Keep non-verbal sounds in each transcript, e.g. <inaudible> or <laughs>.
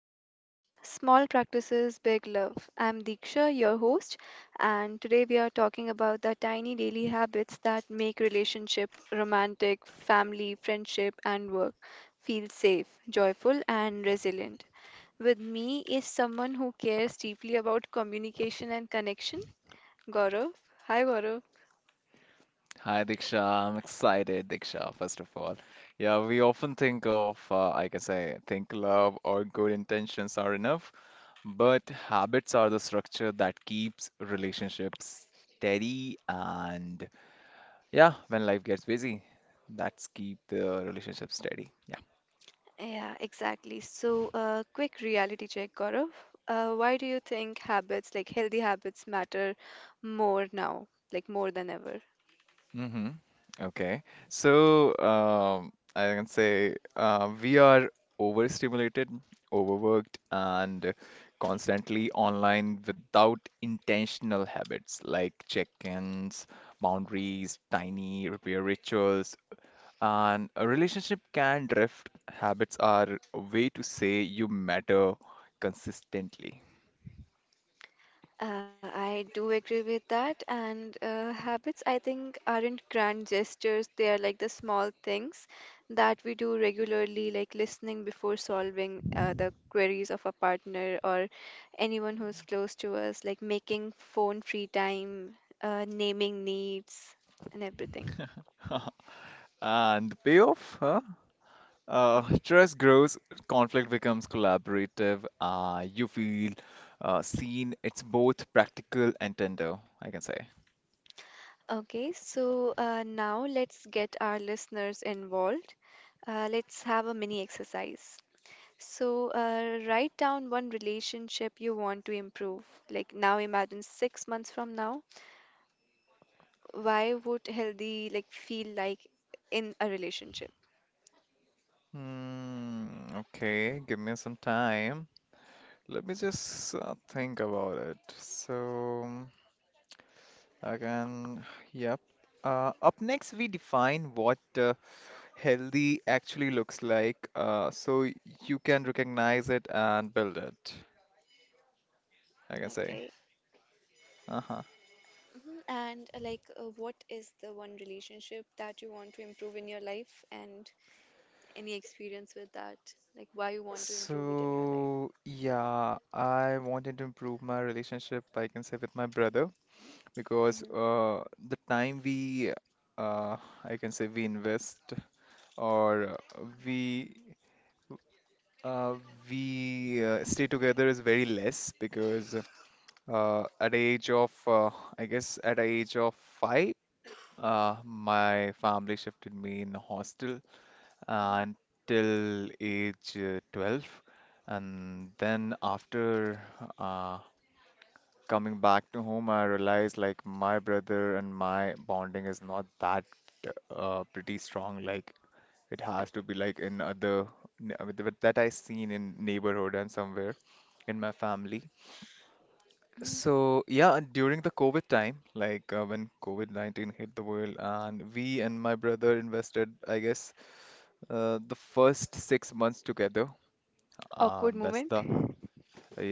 Habits Small Practices, Big Love. I'm Diksha, your host, and today we are talking about the tiny daily habits that make relationship, romantic, family, friendship, and work feel safe, joyful, and resilient. With me is someone who cares deeply about communication and connection, Gaurav. Hi, Gaurav. Hi Diksha, I'm excited, Diksha, first of all. Yeah, we often think of, I can say, think love or good intentions are enough, but habits are the structure that keeps relationships steady and yeah, when life gets busy, that's keep the relationship steady. Yeah. Yeah, exactly. So, quick reality check, Gaurav. Why do you think habits, like healthy habits, matter more now, like more than ever? Mm-hmm. Okay. So, I can say we are overstimulated, overworked, and constantly online without intentional habits like check-ins, boundaries, tiny repair rituals. And a relationship can drift. Habits are a way to say you matter consistently. I do agree with that. And habits, I think, aren't grand gestures. They are like the small things that we do regularly, like listening before solving the queries of a partner or anyone who's close to us, like making phone free time, naming needs, and everything. <laughs> And the payoff? Huh? Mm-hmm. Trust grows, conflict becomes collaborative. You feel seen. It's both practical and tender, I can say. Okay, so now let's get our listeners involved. Let's have a mini exercise. So, write down one relationship you want to improve. Like now, imagine 6 months from now, why would healthy like feel like in a relationship? Hmm, okay, give me some time. Let me just think about it. So, again, yep. Up next, we define what healthy actually looks like, so you can recognize it and build it, I can say. Okay. Uh huh. Mhm. And like, what is the one relationship that you want to improve in your life, and any experience with that? Like, why you want to improve it in your life? So, yeah, I wanted to improve my relationship, I can say, with my brother because Hmm. The time uh, I can say, we invest or uh, we uh, we stay together is very less because at age of , I guess at age of five, my family shifted me in a hostel uh, until age 12. And then after uh, coming back to home, I realized like my brother and my bonding is not that pretty strong. Like it has to be like in other with that I seen in neighborhood and somewhere in my family. Mhm. So yeah, and during the COVID time, when COVID-19 hit the world, and we and my brother invested, I guess, the first 6 months together. Awkward moment. That's the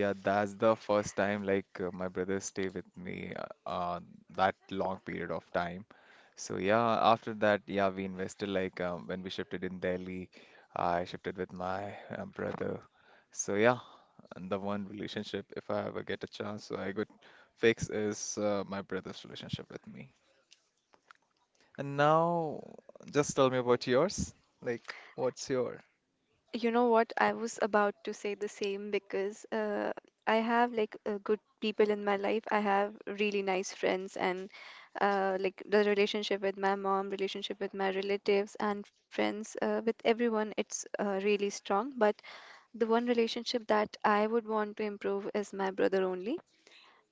yeah, that's the first time my brother stay with me uh, uh, that long period of time. So yeah, after that, yeah, we invested like when we shifted in Delhi, I shifted with my brother. So yeah, and the one relationship if I ever get a chance, so I could fix is my brother's relationship with me. And now, just tell me about yours. Like, what's your? You know what? I was about to say the same because I have like good people in my life. I have really nice friends, and like the relationship with my mom, relationship with my relatives and friends, with everyone, it's really strong. But the one relationship that I would want to improve is my brother only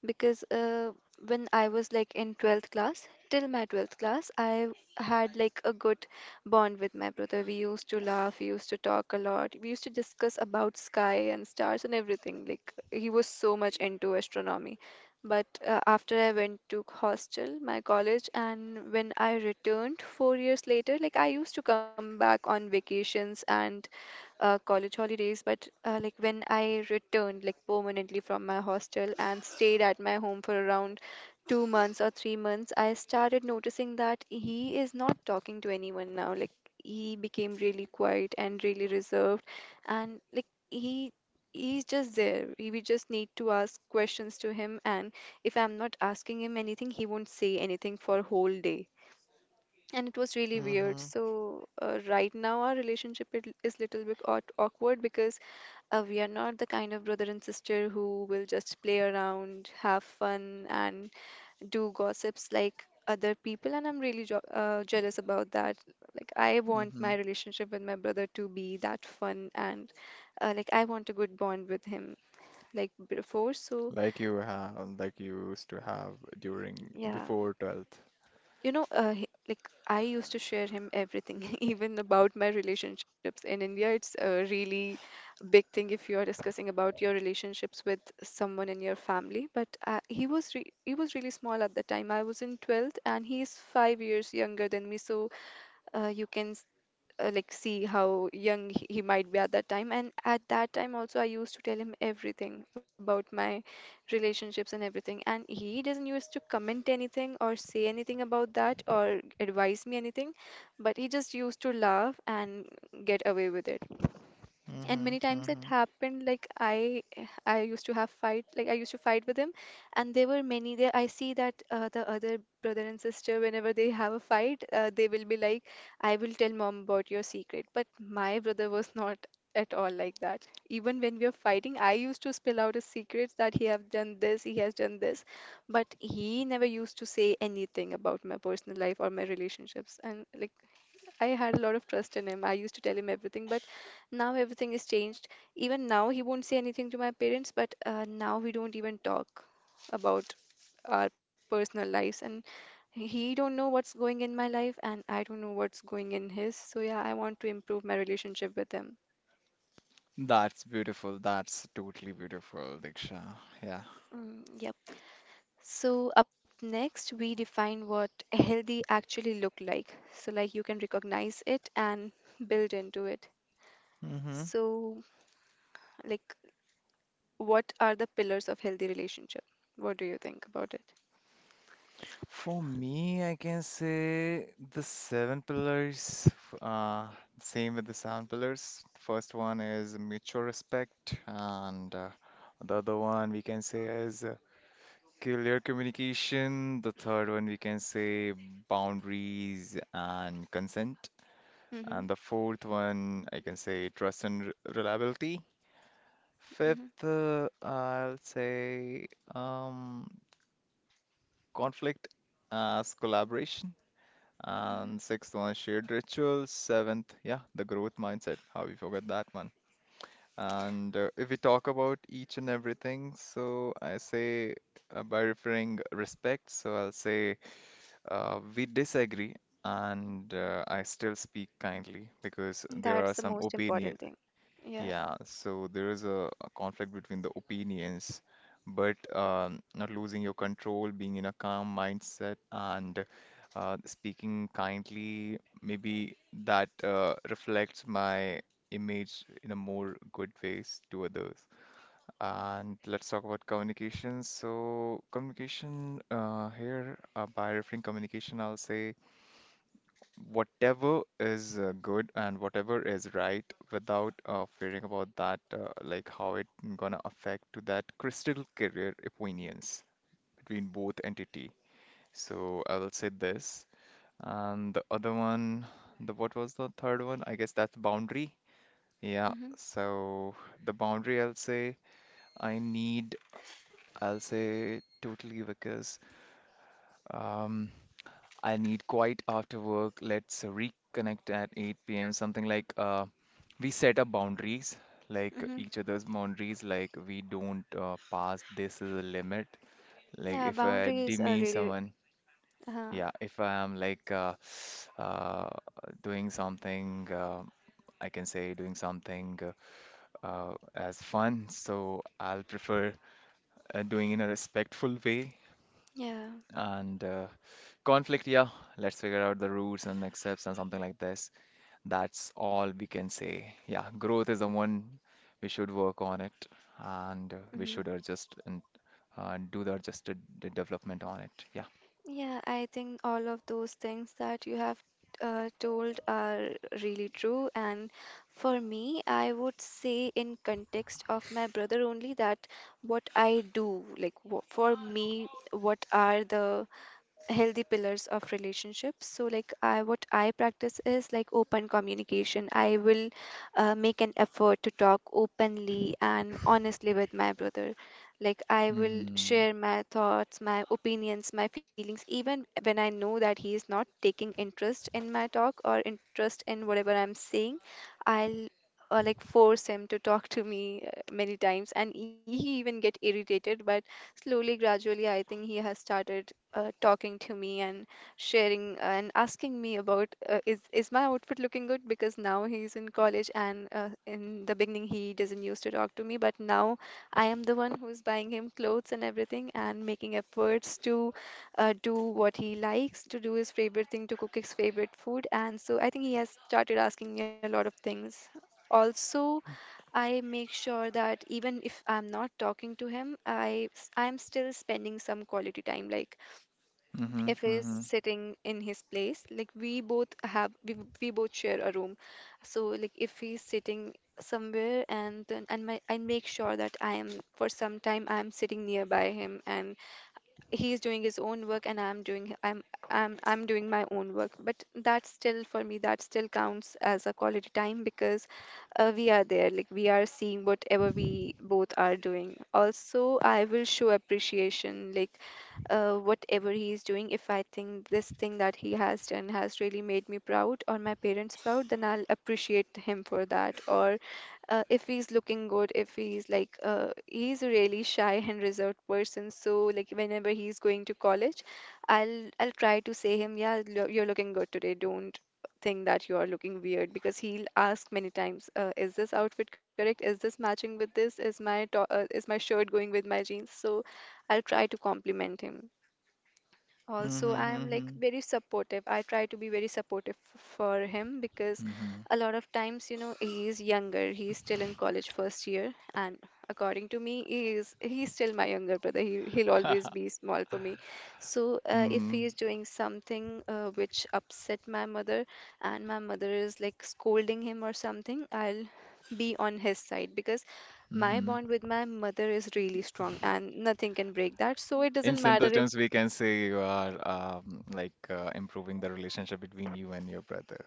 because when I was like in 12th class, till my 12th class, I had like a good bond with my brother. We used to laugh, we used to talk a lot, we used to discuss about sky and stars and everything. Like he was so much into astronomy. But after I went to hostel, my college, and when I returned 4 years later, like I used to come back on vacations and college holidays, but like when I returned like permanently from my hostel and stayed at my home for around 2 months or 3 months, I started noticing that he is not talking to anyone now. Like he became really quiet and really reserved, and like he's just there. We just need to ask questions to him, and if I'm not asking him anything, he won't say anything for whole day. And it was really weird. Mm-hmm. So right now our relationship it is little bit awkward because we are not the kind of brother and sister who will just play around, have fun, and do gossips like other people. And I'm really jealous about that. Like I want my relationship with my brother to be that fun. And like I want a good bond with him like before. So Like you have, you used to have during yeah. before 12th. Like I used to share him everything, <laughs> even about my relationships. In India, it's a really big thing if you are discussing about your relationships with someone in your family. But he was re he was really small at the time. I was in 12th, and he is 5 years younger than me. So you can like see how young he might be at that time. And at that time also I used to tell him everything about my relationships and everything. And he doesn't used to comment anything or say anything about that or advise me anything, but he just used to laugh and get away with it. And many Mm-hmm, times it mm-hmm. happened like I used to have fight. Like I used to fight with him. And there were many there I see that the other brother and sister whenever they have a fight, they will be like I will tell mom about your secret. But my brother was not at all like that. Even when we are fighting I used to spill out his secrets that he have done this, he has done this. But he never used to say anything about my personal life or my relationships. And like I had a lot of trust in him. I used to tell him everything, but now everything is changed. Even now, he won't say anything to my parents, but now we don't even talk about our personal lives. And he don't know what's going in my life, and I don't know what's going in his. So yeah, I want to improve my relationship with him. That's beautiful. That's totally beautiful, Diksha. Yeah. Mm, yep. So up next, we define what healthy actually look like. So like you can recognize it and build into it. Mm-hmm. So like what are the pillars of healthy relationship? What do you think about it? For me, I can say the seven pillars, same with the seven pillars. First one is mutual respect, and the other one we can say is clear communication. The third one we can say boundaries and consent. Mhm. And the fourth one, I can say trust and reliability. Mhm. Fifth, I'll say um, conflict as collaboration. And sixth one, shared rituals. Seventh, yeah, the growth mindset. How we forgot that one. And if we talk about each and everything, so I say by referring respect, so I'll say we disagree, and I still speak kindly because there That's are the some most opinion. important thing. Yeah. Yeah, so there is a conflict between the opinions, but not losing your control, being in a calm mindset, and speaking kindly, maybe that reflects my image in a more good ways to others. And let's talk about communication. So, communication here, by referring communication, I'll say whatever is good and whatever is right without fearing about that like how it gonna affect to that crystal career opinions between both entity, so I will say this. And the other one, the what was the third one, I guess that's boundary. Yeah, Mhm. so the boundary I'll say I need, I'll say totally because um I need quiet after work. Let's reconnect at 8 p.m. Something like we set up boundaries, like Hmm. each other's boundaries, like we don't pass, this is a limit. Like Yeah, if I boundaries are demean really. someone, Uh, yeah, if I am <sighs> uh, doing something, I can say doing something as fun, so I'll prefer doing in a respectful way. yeah. And conflict, yeah, let's figure out the roots and next steps and something like this, that's all we can say. Yeah, growth is the one we should work on it, and Hmm. we should adjust and do the adjusted development on it. Yeah. Yeah, I think all of those things that you have told are really true. And for me, I would say, in context of my brother only, that what I do, like for me, what are the healthy pillars of relationships? So like I what I practice is like open communication. I will make an effort to talk openly and honestly with my brother. Like I will Mm-hmm. share my thoughts, my opinions, my feelings, even when I know that he is not taking interest in my talk or interest in whatever I'm saying. I'll like force him to talk to me many times, and he even get irritated. But slowly gradually I think he has started talking to me and sharing and asking me about, is my outfit looking good? Because now he's in college and in the beginning he doesn't used to talk to me, but now I am the one who's buying him clothes and everything and making efforts to do what he likes, to do his favorite thing, to cook his favorite food. And so I think he has started asking me a lot of things. Also, I make sure that even if I'm not talking to him, I'm still spending some quality time. Like Mm-hmm. if he's Mm-hmm. sitting in his place, like we both share a room. So like if he's sitting somewhere, and then and my, I make sure that I am for some time I'm sitting nearby him, and he's doing his own work, and I'm doing h- I'm doing my own work. But that still for me that still counts as a quality time because we are there, like we are seeing whatever we both are doing. Also I will show appreciation, like whatever he is doing, if I think this thing that he has done has really made me proud or my parents proud, then I'll appreciate him for that. Or if he's looking good, if he's like, he's a really shy and reserved person. So like whenever he's going to college, I'll try to say him, yeah, you're looking good today. Don't think that you are looking weird because he'll ask many times, is this outfit correct, is this matching with this, is my is my shirt going with my jeans. So I'll try to compliment him. Also, I am like Mm-hmm. very supportive. I try to be very supportive for him because Mm-hmm. <laughs> a lot of times, he is younger. He is still in college first year, and according to me, he's still my younger brother. He'll always Hmm, be small for me. So if mm he is doing something which upset my mother, and my mother is like scolding him or something, I'll be on his side because hmm, mm hmm, mm hmm, mm hmm, my hmm bond hmm. with my mother is really strong, and nothing can break that. So it In doesn't simple matter. terms, we can say you are improving the relationship between you and your brother,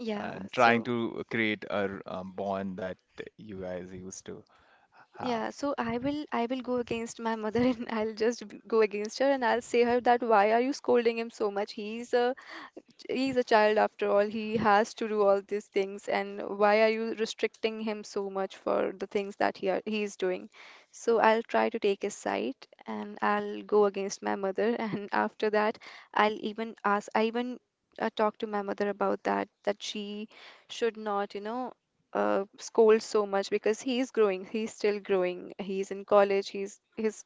Yeah, and trying so to create a bond that you guys used to yeah, have. so I will go against my mother <laughs> and I'll just go against her and I'll say her that why are you scolding him so much? He's a child after all. He has to do all these things, and why are you restricting him so much for the things that he's doing? So I'll try to take his side, and I'll go against my mother. <laughs> And after that, I'll even ask. I even talked to my mother about that, that she should not, scold so much because he's growing. He's still growing. He's in college. He's.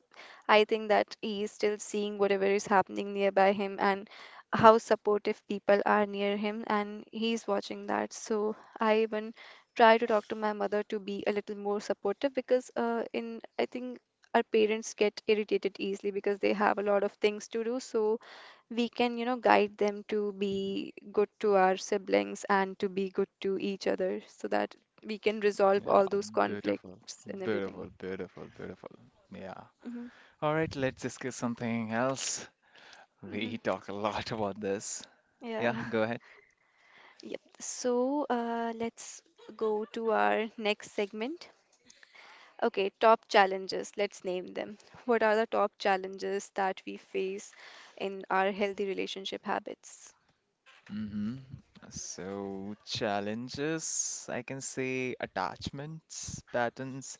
I think that he's still seeing whatever is happening nearby him, and how supportive people are near him, and he's watching that. So I even try to talk to my mother to be a little more supportive because in I think our parents get irritated easily because they have a lot of things to do. So we can, guide them to be good to our siblings and to be good to each other, so that we can resolve Yeah, all those beautiful, conflicts and everything. beautiful, beautiful, beautiful. Yeah. hmm All right, let's discuss something else. hmm We talk a lot about this. Yeah, yeah. go <laughs> ahead. Yep. So let's go to our next segment. Okay, top challenges, let's name them. What are the top challenges that we face in our healthy relationship habits? Mm-hmm. So, challenges, I can say attachments, patterns,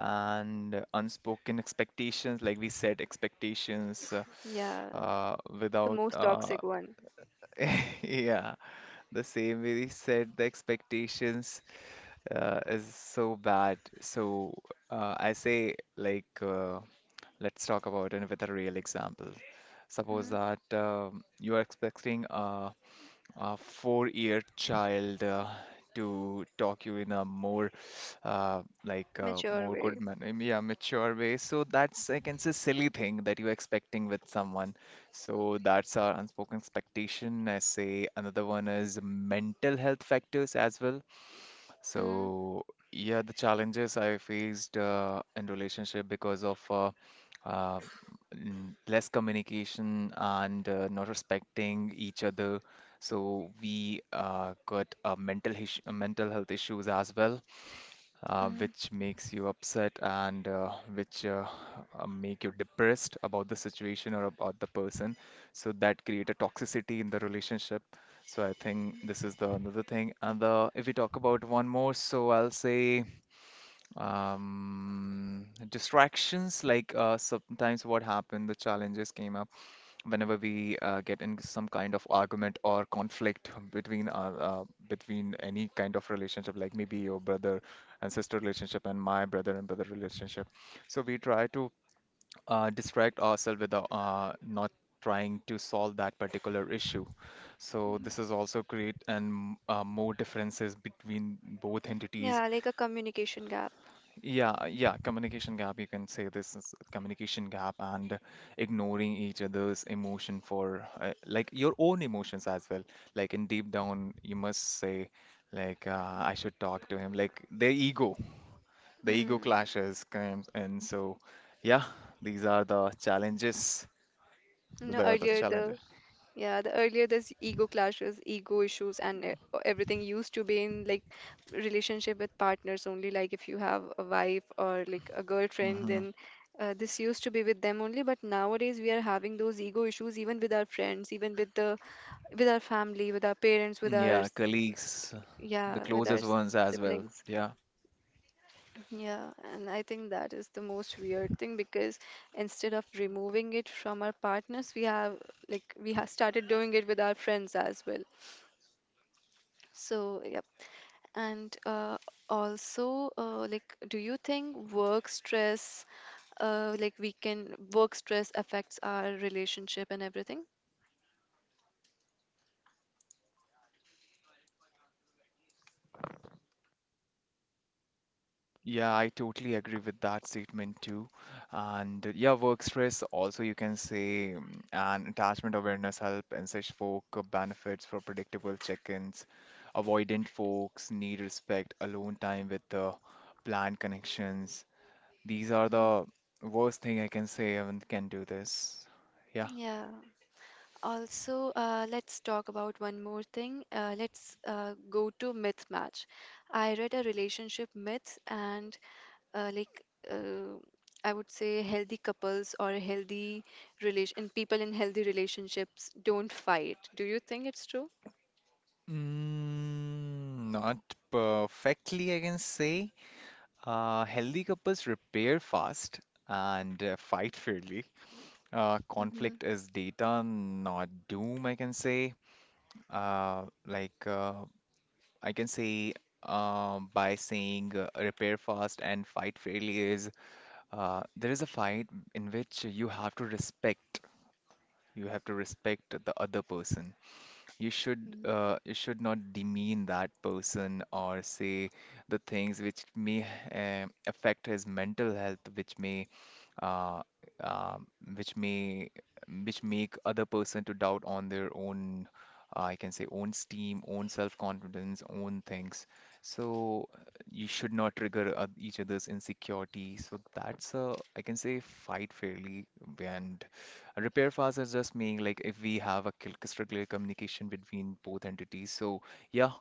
and unspoken expectations. Like we said, expectations Yeah, the without most toxic one. <laughs> yeah, the same way he said the expectations is so bad. So I say let's talk about another real example. Suppose hmm that you are expecting a four-year child to talk you in a more Mature more good, way. man, I mean, yeah, mature way. So that's, I can say, silly thing that you're expecting with someone, so that's our unspoken expectation. I say another one is mental health factors as well. hmm So yeah, the challenges I faced in relationship because of uh, less communication and not respecting each other. So we got mental health issues as well, hmm which makes you upset and which make you depressed about the situation or about the person. So that create a toxicity in the relationship. So I think this is the another thing. And the if we talk about one more, so I'll say distractions, sometimes what happened, the challenges came up whenever we get in some kind of argument or conflict <laughs> between between any kind of relationship, like maybe your brother and sister relationship and my brother and brother relationship. So we try to distract ourselves with not trying to solve that particular issue, so this is also create and more differences between both entities. Yeah, like a communication gap. Yeah, communication gap. You can say this is a communication gap and ignoring each other's emotion for like your own emotions as well. Like in deep down, you must say I should talk to him. Like their ego, the ego Mm. clashes comes, and so yeah, these are the challenges. You know, They are the earlier challenges. the Yeah, the earlier this ego clashes, ego issues, and everything used to be in like relationship with partners only. Like if you have a wife or like a girlfriend, Hmm. then this used to be with them only. But nowadays we are having those ego issues even with our friends, even with the with our family, with our parents, with our Yeah, colleagues, the yeah, with our closest ones as well. siblings. Yeah. Yeah, and I think that is the most weird thing because instead of removing it from our partners, we have we have started doing it with our friends as well. So, yep. And also, like, do you think work stress, like, we can work stress affects our relationship and everything? Yeah, I totally agree with that statement too. And yeah, work stress also you can say and attachment awareness help and such folk benefits for predictable check-ins. Avoidant folks need respect, alone time with the planned connections. These are Mhm. the worst thing, I can say, and can do this. Yeah. Yeah. Also, let's talk about one more thing. Let's go to myth match. I read a relationship myth, and uh, like uh, I would say, healthy couples or healthy relation people in healthy relationships don't fight. Do you think it's true? Mm, not perfectly, I can say. Healthy couples repair fast and fight fairly. Mhm, Conflict is data, not doom, I can say. Uh, like, uh, I can say by saying repair fast and fight fairly is there is a fight in which you have to respect. You have to respect the other person. You should mhm. You should not demean that person or say the things which may affect his mental health, uh, um, which may which make other person to doubt on their own I can say own steam, own self-confidence, own things. So you should not trigger each other's insecurity. So that's a, I can say, fight fairly. And repair files are just meaning like if we have a crystal clear communication between both entities. So yeah,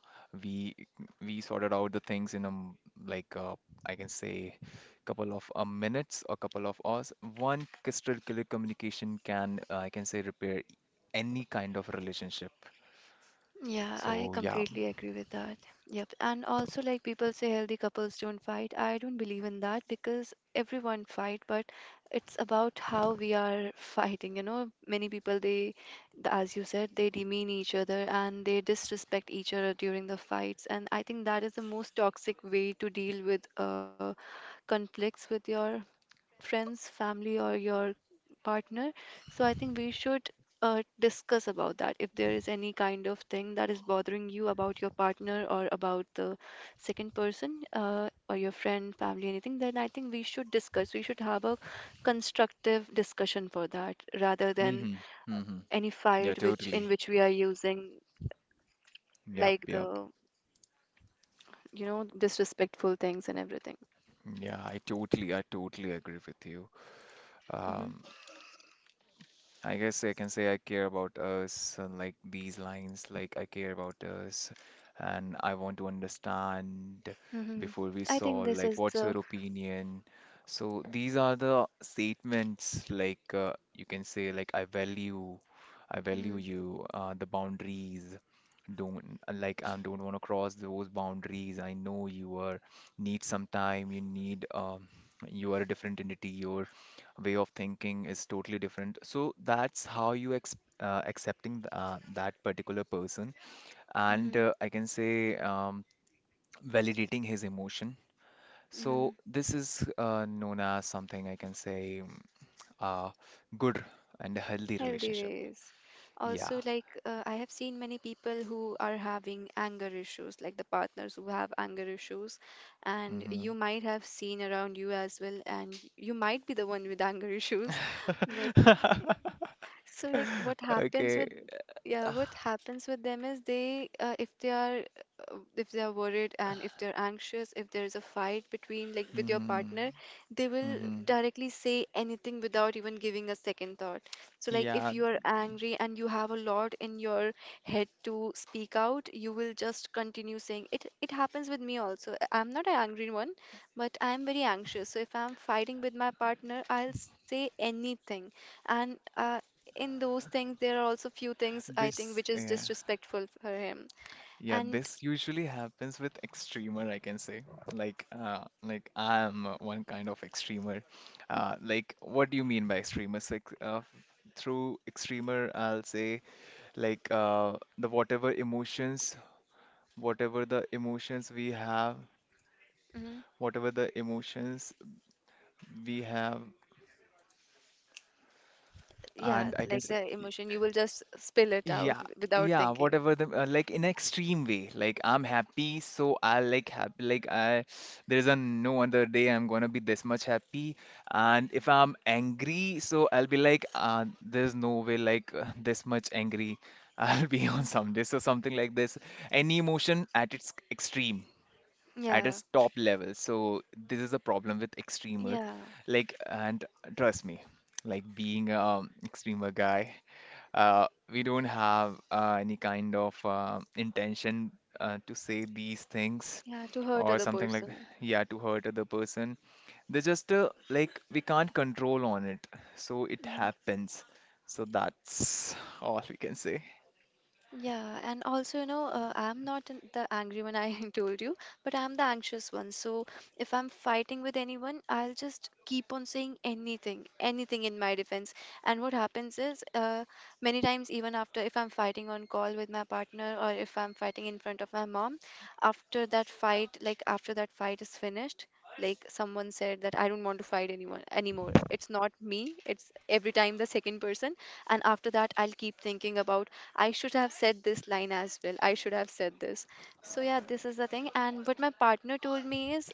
we sorted out the things in a m- like I can say couple of minutes or couple of hours. One crystal clear communication can I can say repair any kind of relationship. Yeah, I So yeah. completely agree with that. Yep. And also, like people say healthy couples don't fight. I don't believe in that because everyone fight, but it's about how we are <laughs> fighting. You know, many people as you said, they demean each other and they disrespect each other during the fights. And I think that is the most toxic way to deal with conflicts with your friends, family, or your partner. So I think we should discuss about that. If there is any kind of thing that is bothering you about your partner or about the second person or your friend, family, anything, then I think we should discuss. We should have a constructive discussion for that rather than Mm-hmm. Mm-hmm. any Yeah, fight which in totally. which we are using Yep, like yep. the disrespectful things and everything. Yeah, I totally agree with you. hmm Um, I guess I can say I care about us, and like these lines, like I care about us, and I want to understand hmm before we I think solve, this like, is what's the. your opinion? So these are the statements, like, you can say, like, I value hmm you, the boundaries. Don't I don't want to cross those boundaries. I know you are need some time. You need you are a different entity. You way of thinking is totally different. So that's how you ex accepting that particular person, and hmm I can say validating his emotion. So hmm this is known as something, I can say, uh, good and healthy Healthy relationship. ways. Yeah. Also, like I have seen many people who are having anger issues, like the partners who have anger issues, and Hmm. you might have seen around you as well, and you might be the one with anger issues, <laughs> but <laughs> so like what happens Okay. with yeah what happens with them is they if they are worried and if they're anxious, if there is a fight between like with your Hmm. partner, they will Hmm. directly say anything without even giving a second thought. So like if Yeah. you are angry and you have a lot in your head to speak out, you will just continue saying it. It happens with me also. I'm not an angry one, but I'm very anxious. So if I'm fighting with my partner, I'll say anything, and in those things there are also few things I think This. which is Yeah. disrespectful for him Yeah, and this usually happens with extremer, I can say. Like, I am one kind of extremer. Like, what do you mean by extremer? Through extremer, I'll say like the whatever emotions, whatever the emotions we have, hmm whatever the emotions we have, yeah, and I can like say. the emotion you will just spill it out Yeah, without yeah, thinking. whatever the like in extreme way. Like I'm happy, so I like happy. There's a no other day I'm gonna be this much happy. And if I'm angry, so I'll be like, there's no way like <laughs> this much angry <laughs> I'll be on hmm some day. So something like this. Any emotion at its extreme at yeah its top level. So this is a problem with extremer. yeah Like, and Trust me, like being a extremer guy, we don't have any kind of intention to say these things yeah, to hurt or other something like that. person. Yeah, to hurt other person. They just like we can't control on it, so it happens. So that's all we can say. Yeah, and also, you know, I'm not an- the angry one I <laughs> told you, but I'm the anxious one. So if I'm fighting with anyone, I'll just keep on saying anything, anything in my defense. And what happens is, many times, even after if I'm fighting on call with my partner or if I'm fighting in front of my mom, after that fight, like after that fight is finished, like someone said that I don't want to fight anyone anymore. It's not me, it's every time the second person. And after that, I'll keep thinking about I should have said this line as well. I should have said this. So yeah, this is the thing. And what my partner told me is,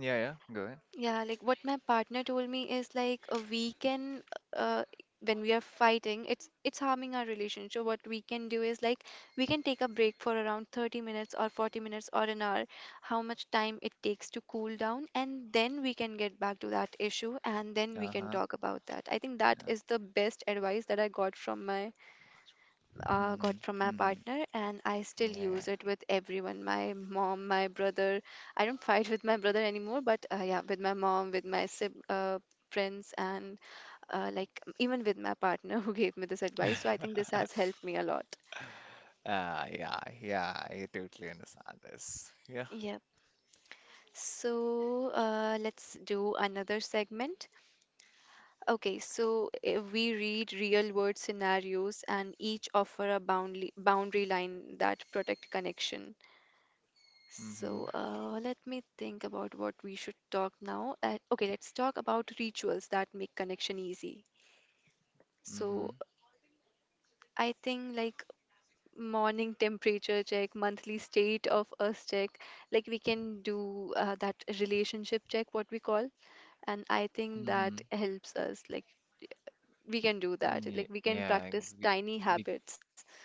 Yeah, yeah, go ahead. yeah, like what my partner told me is like uh, when we are fighting, it's harming our relationship. What we can do is like we can take a break for around 30 minutes or 40 minutes or an hour, how much time it takes to cool down, and then we can get back to that issue, and then we can Uh-huh. talk about that. I think that Yeah. is the best advice that I got Mm-hmm. from my Mm-hmm. partner, and I still Yeah, use it with everyone. My mom, my brother. I don't <laughs> fight with my brother anymore, but yeah, with my mom, with my sib friends, and like even with my partner <laughs> who gave me this advice. So I think yeah. this <laughs> has helped me a lot. Yeah, yeah, I totally understand this. Yeah. Yep. So let's do another segment. Okay, so we read real world scenarios and each offer a boundary line that protect connection. Mm-hmm. So let me think about what we should talk now. Okay, let's talk about rituals that make connection easy. Mm-hmm. So I think like morning temperature check, monthly state of us check, like we can do that relationship check, what we call, and I think Mm-hmm. that helps us. Like we can do that. Yeah, Like we can yeah, practice we, tiny we, habits.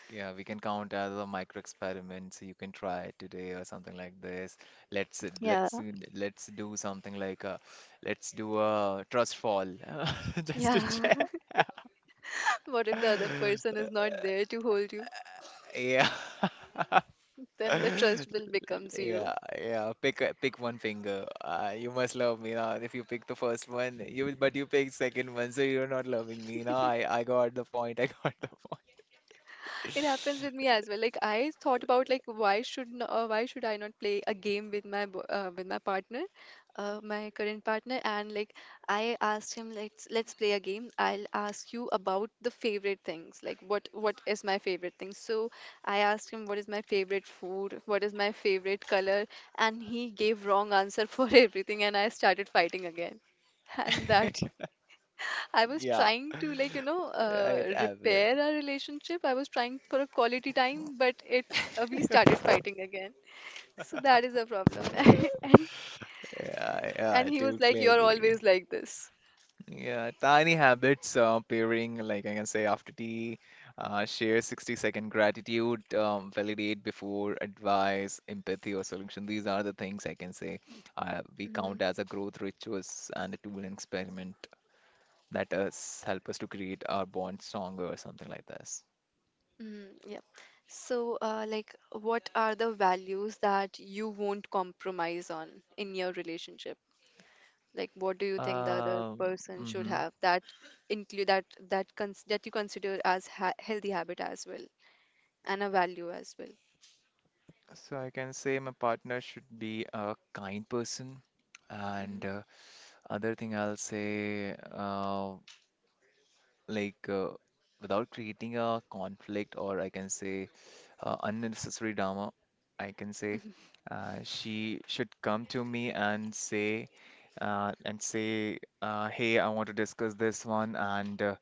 yeah, we can count as a micro experiment. So you can try today or something like this. Let's Yeah. let's let's do something like let's do a trust fall <laughs> just to Yeah. check. <laughs> What if the other person <laughs> is not there to hold you? Yeah. Then the trust <laughs> will become zero. Yeah, yeah. Pick one finger. You must love me now. If you pick the first one, but you pick second one, so you're not loving me now. I got the point. I got the point. It happens with me as well. Like I thought about like why should I not play a game with with my partner, my current partner, and like I asked him, let's play a game. I'll ask you about the favorite things. Like what is my favorite thing? So I asked him, what is my favorite food, what is my favorite color, and he gave wrong answer for <laughs> everything, and I started fighting again. And that <laughs> I was Yeah, trying to it happened. repair our relationship. I was trying for a quality time, but it we started fighting again. So that is a problem. <laughs> And Yeah, yeah. and I he was like, totally "You're agree. always like this." Yeah, tiny habits. Pairing, like I can say, after tea. Share 60-second gratitude. Validate before advice, empathy or solution. These are the things I can say. We count Mm, as a growth rituals and a tool and experiment. That us help us to create our bond stronger or something like this. mm, yeah. So, like, what are the values that you won't compromise on in your relationship? Like, what do you think the other Um, person should mhm. have, that include that that cons that you consider as ha healthy habit as well and a value as well? So I can say my partner should be a kind person, and Mm-hmm. Other thing I'll say, like uh, without creating a conflict, or I can say unnecessary drama, I can say. She should come to me and say, hey, I want to discuss this one, and uh,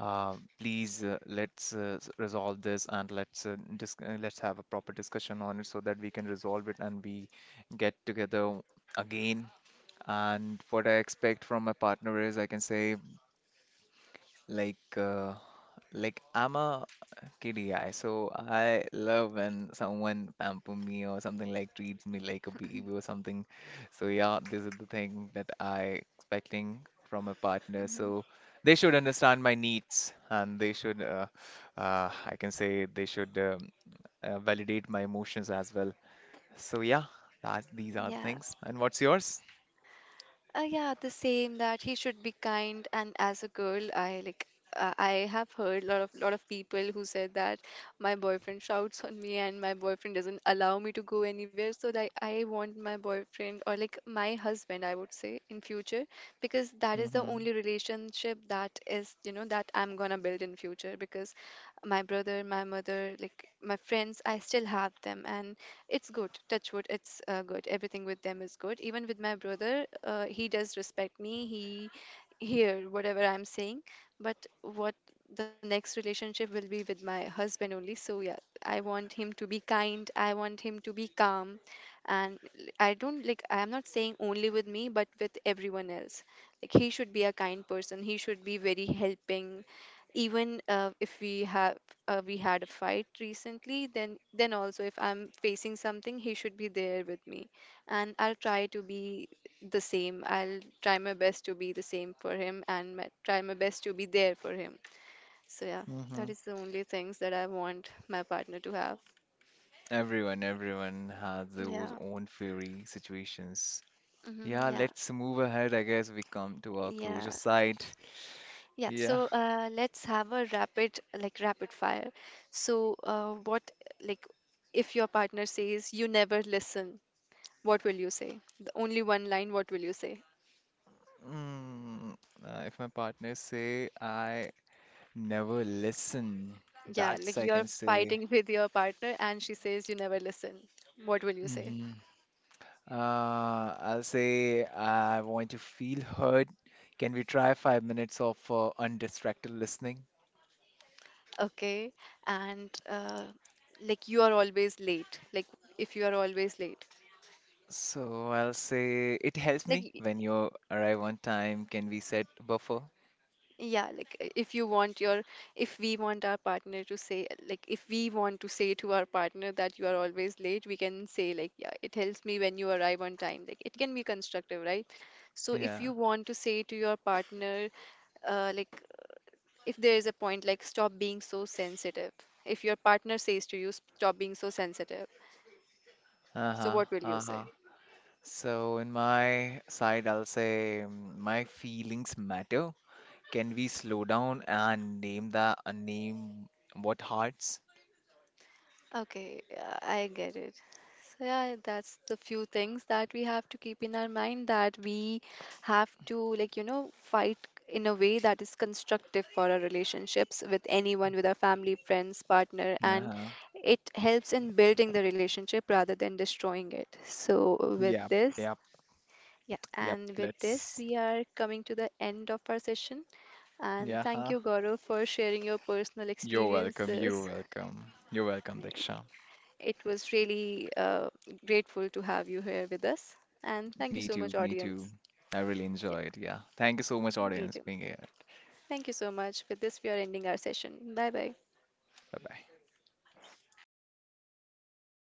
uh, please let's resolve this, and let's dis let's have a proper discussion on it so that we can resolve it and we get together again. And what I expect from my partner is, I can say, like. Like I'm a kitty guy, so I love when someone pamper me or something like treats me like a baby or something. So yeah, this is the thing that I expecting from a partner. So they should understand my needs and I can say they should validate my emotions as well. So yeah, that these are the Yeah. things. And what's yours? Yeah, the same, that he should be kind. And as a girl, I like I have heard lot of people who said that my boyfriend shouts on me and my boyfriend doesn't allow me to go anywhere. So like I want my boyfriend, or like my husband I would say, in future, because that is the Mm-hmm. only relationship that is, you know, that I'm gonna build in future, because my brother, my mother, like my friends, I still have them and it's good. Touch wood. It's good. Everything with them is good. Even with my brother, he does respect me. He hear whatever I'm saying. But what the next relationship will be with my husband only. So yeah, I want him to be kind. I want him to be calm, and I don't like. I'm not saying only with me, but with everyone else. Like he should be a kind person. He should be very helping, even if we have we had a fight recently, then also if I'm facing something, he should be there with me, and I'll try to be the same. I'll try my best to be the same for him, and try my best to be there for him. So yeah, Mm-hmm. that is the only things that I want my partner to have. Everyone, everyone has those yeah own fairy situations. hmm Yeah, yeah let's move ahead. I guess we come to our closure yeah side. yeah. Yeah. So let's have a rapid fire. So what like if your partner says you never listen, what will you say? The only one line, what will you say? Mm, if my partner say I never listen, Yeah, that's like I you're can say. fighting <laughs> with your partner and she says you never listen. What will you say? Hmm. I'll say I want to feel heard. Can we try 5 minutes of undistracted listening? Okay. And like you are always late. Like if you are always late. So I'll say it helps Like me y- when you arrive on time. Can we set buffer? yeah, like if you want your, if we want our partner to say, like if we want to say to our partner that you are always late, we can say like yeah, it helps me when you arrive on time. Like it can be constructive, right? So if Yeah. you want to say to your partner like if there is a point like stop being so sensitive, if your partner says to you stop being so sensitive, so Uh-huh. what will you say? Uh-huh. So, in my side, I'll say mm, my feelings matter. Can we slow down and name what hearts? Okay, yeah, I get it. So yeah, that's the few things that we have to keep in our mind, that we have to, like, fight in a way that is constructive for our relationships with anyone, with our family, friends, partner, and Uh-huh. it helps in building the relationship rather than destroying it. So with Yep, this, yep, yeah, yep. and with this, Let's. we are coming to the end of our session. And Yeah, thank huh? you, Gaurav, for sharing your personal You're welcome. You're experiences. welcome. You're welcome, Diksha. It was really grateful to have you here with us. And thank you Me so much, too, me too. audience. I really Yeah, enjoyed. Yeah. Thank you so much, me audience, too. being here. Thank you so much. With this, we are ending our session. Bye bye. Bye bye.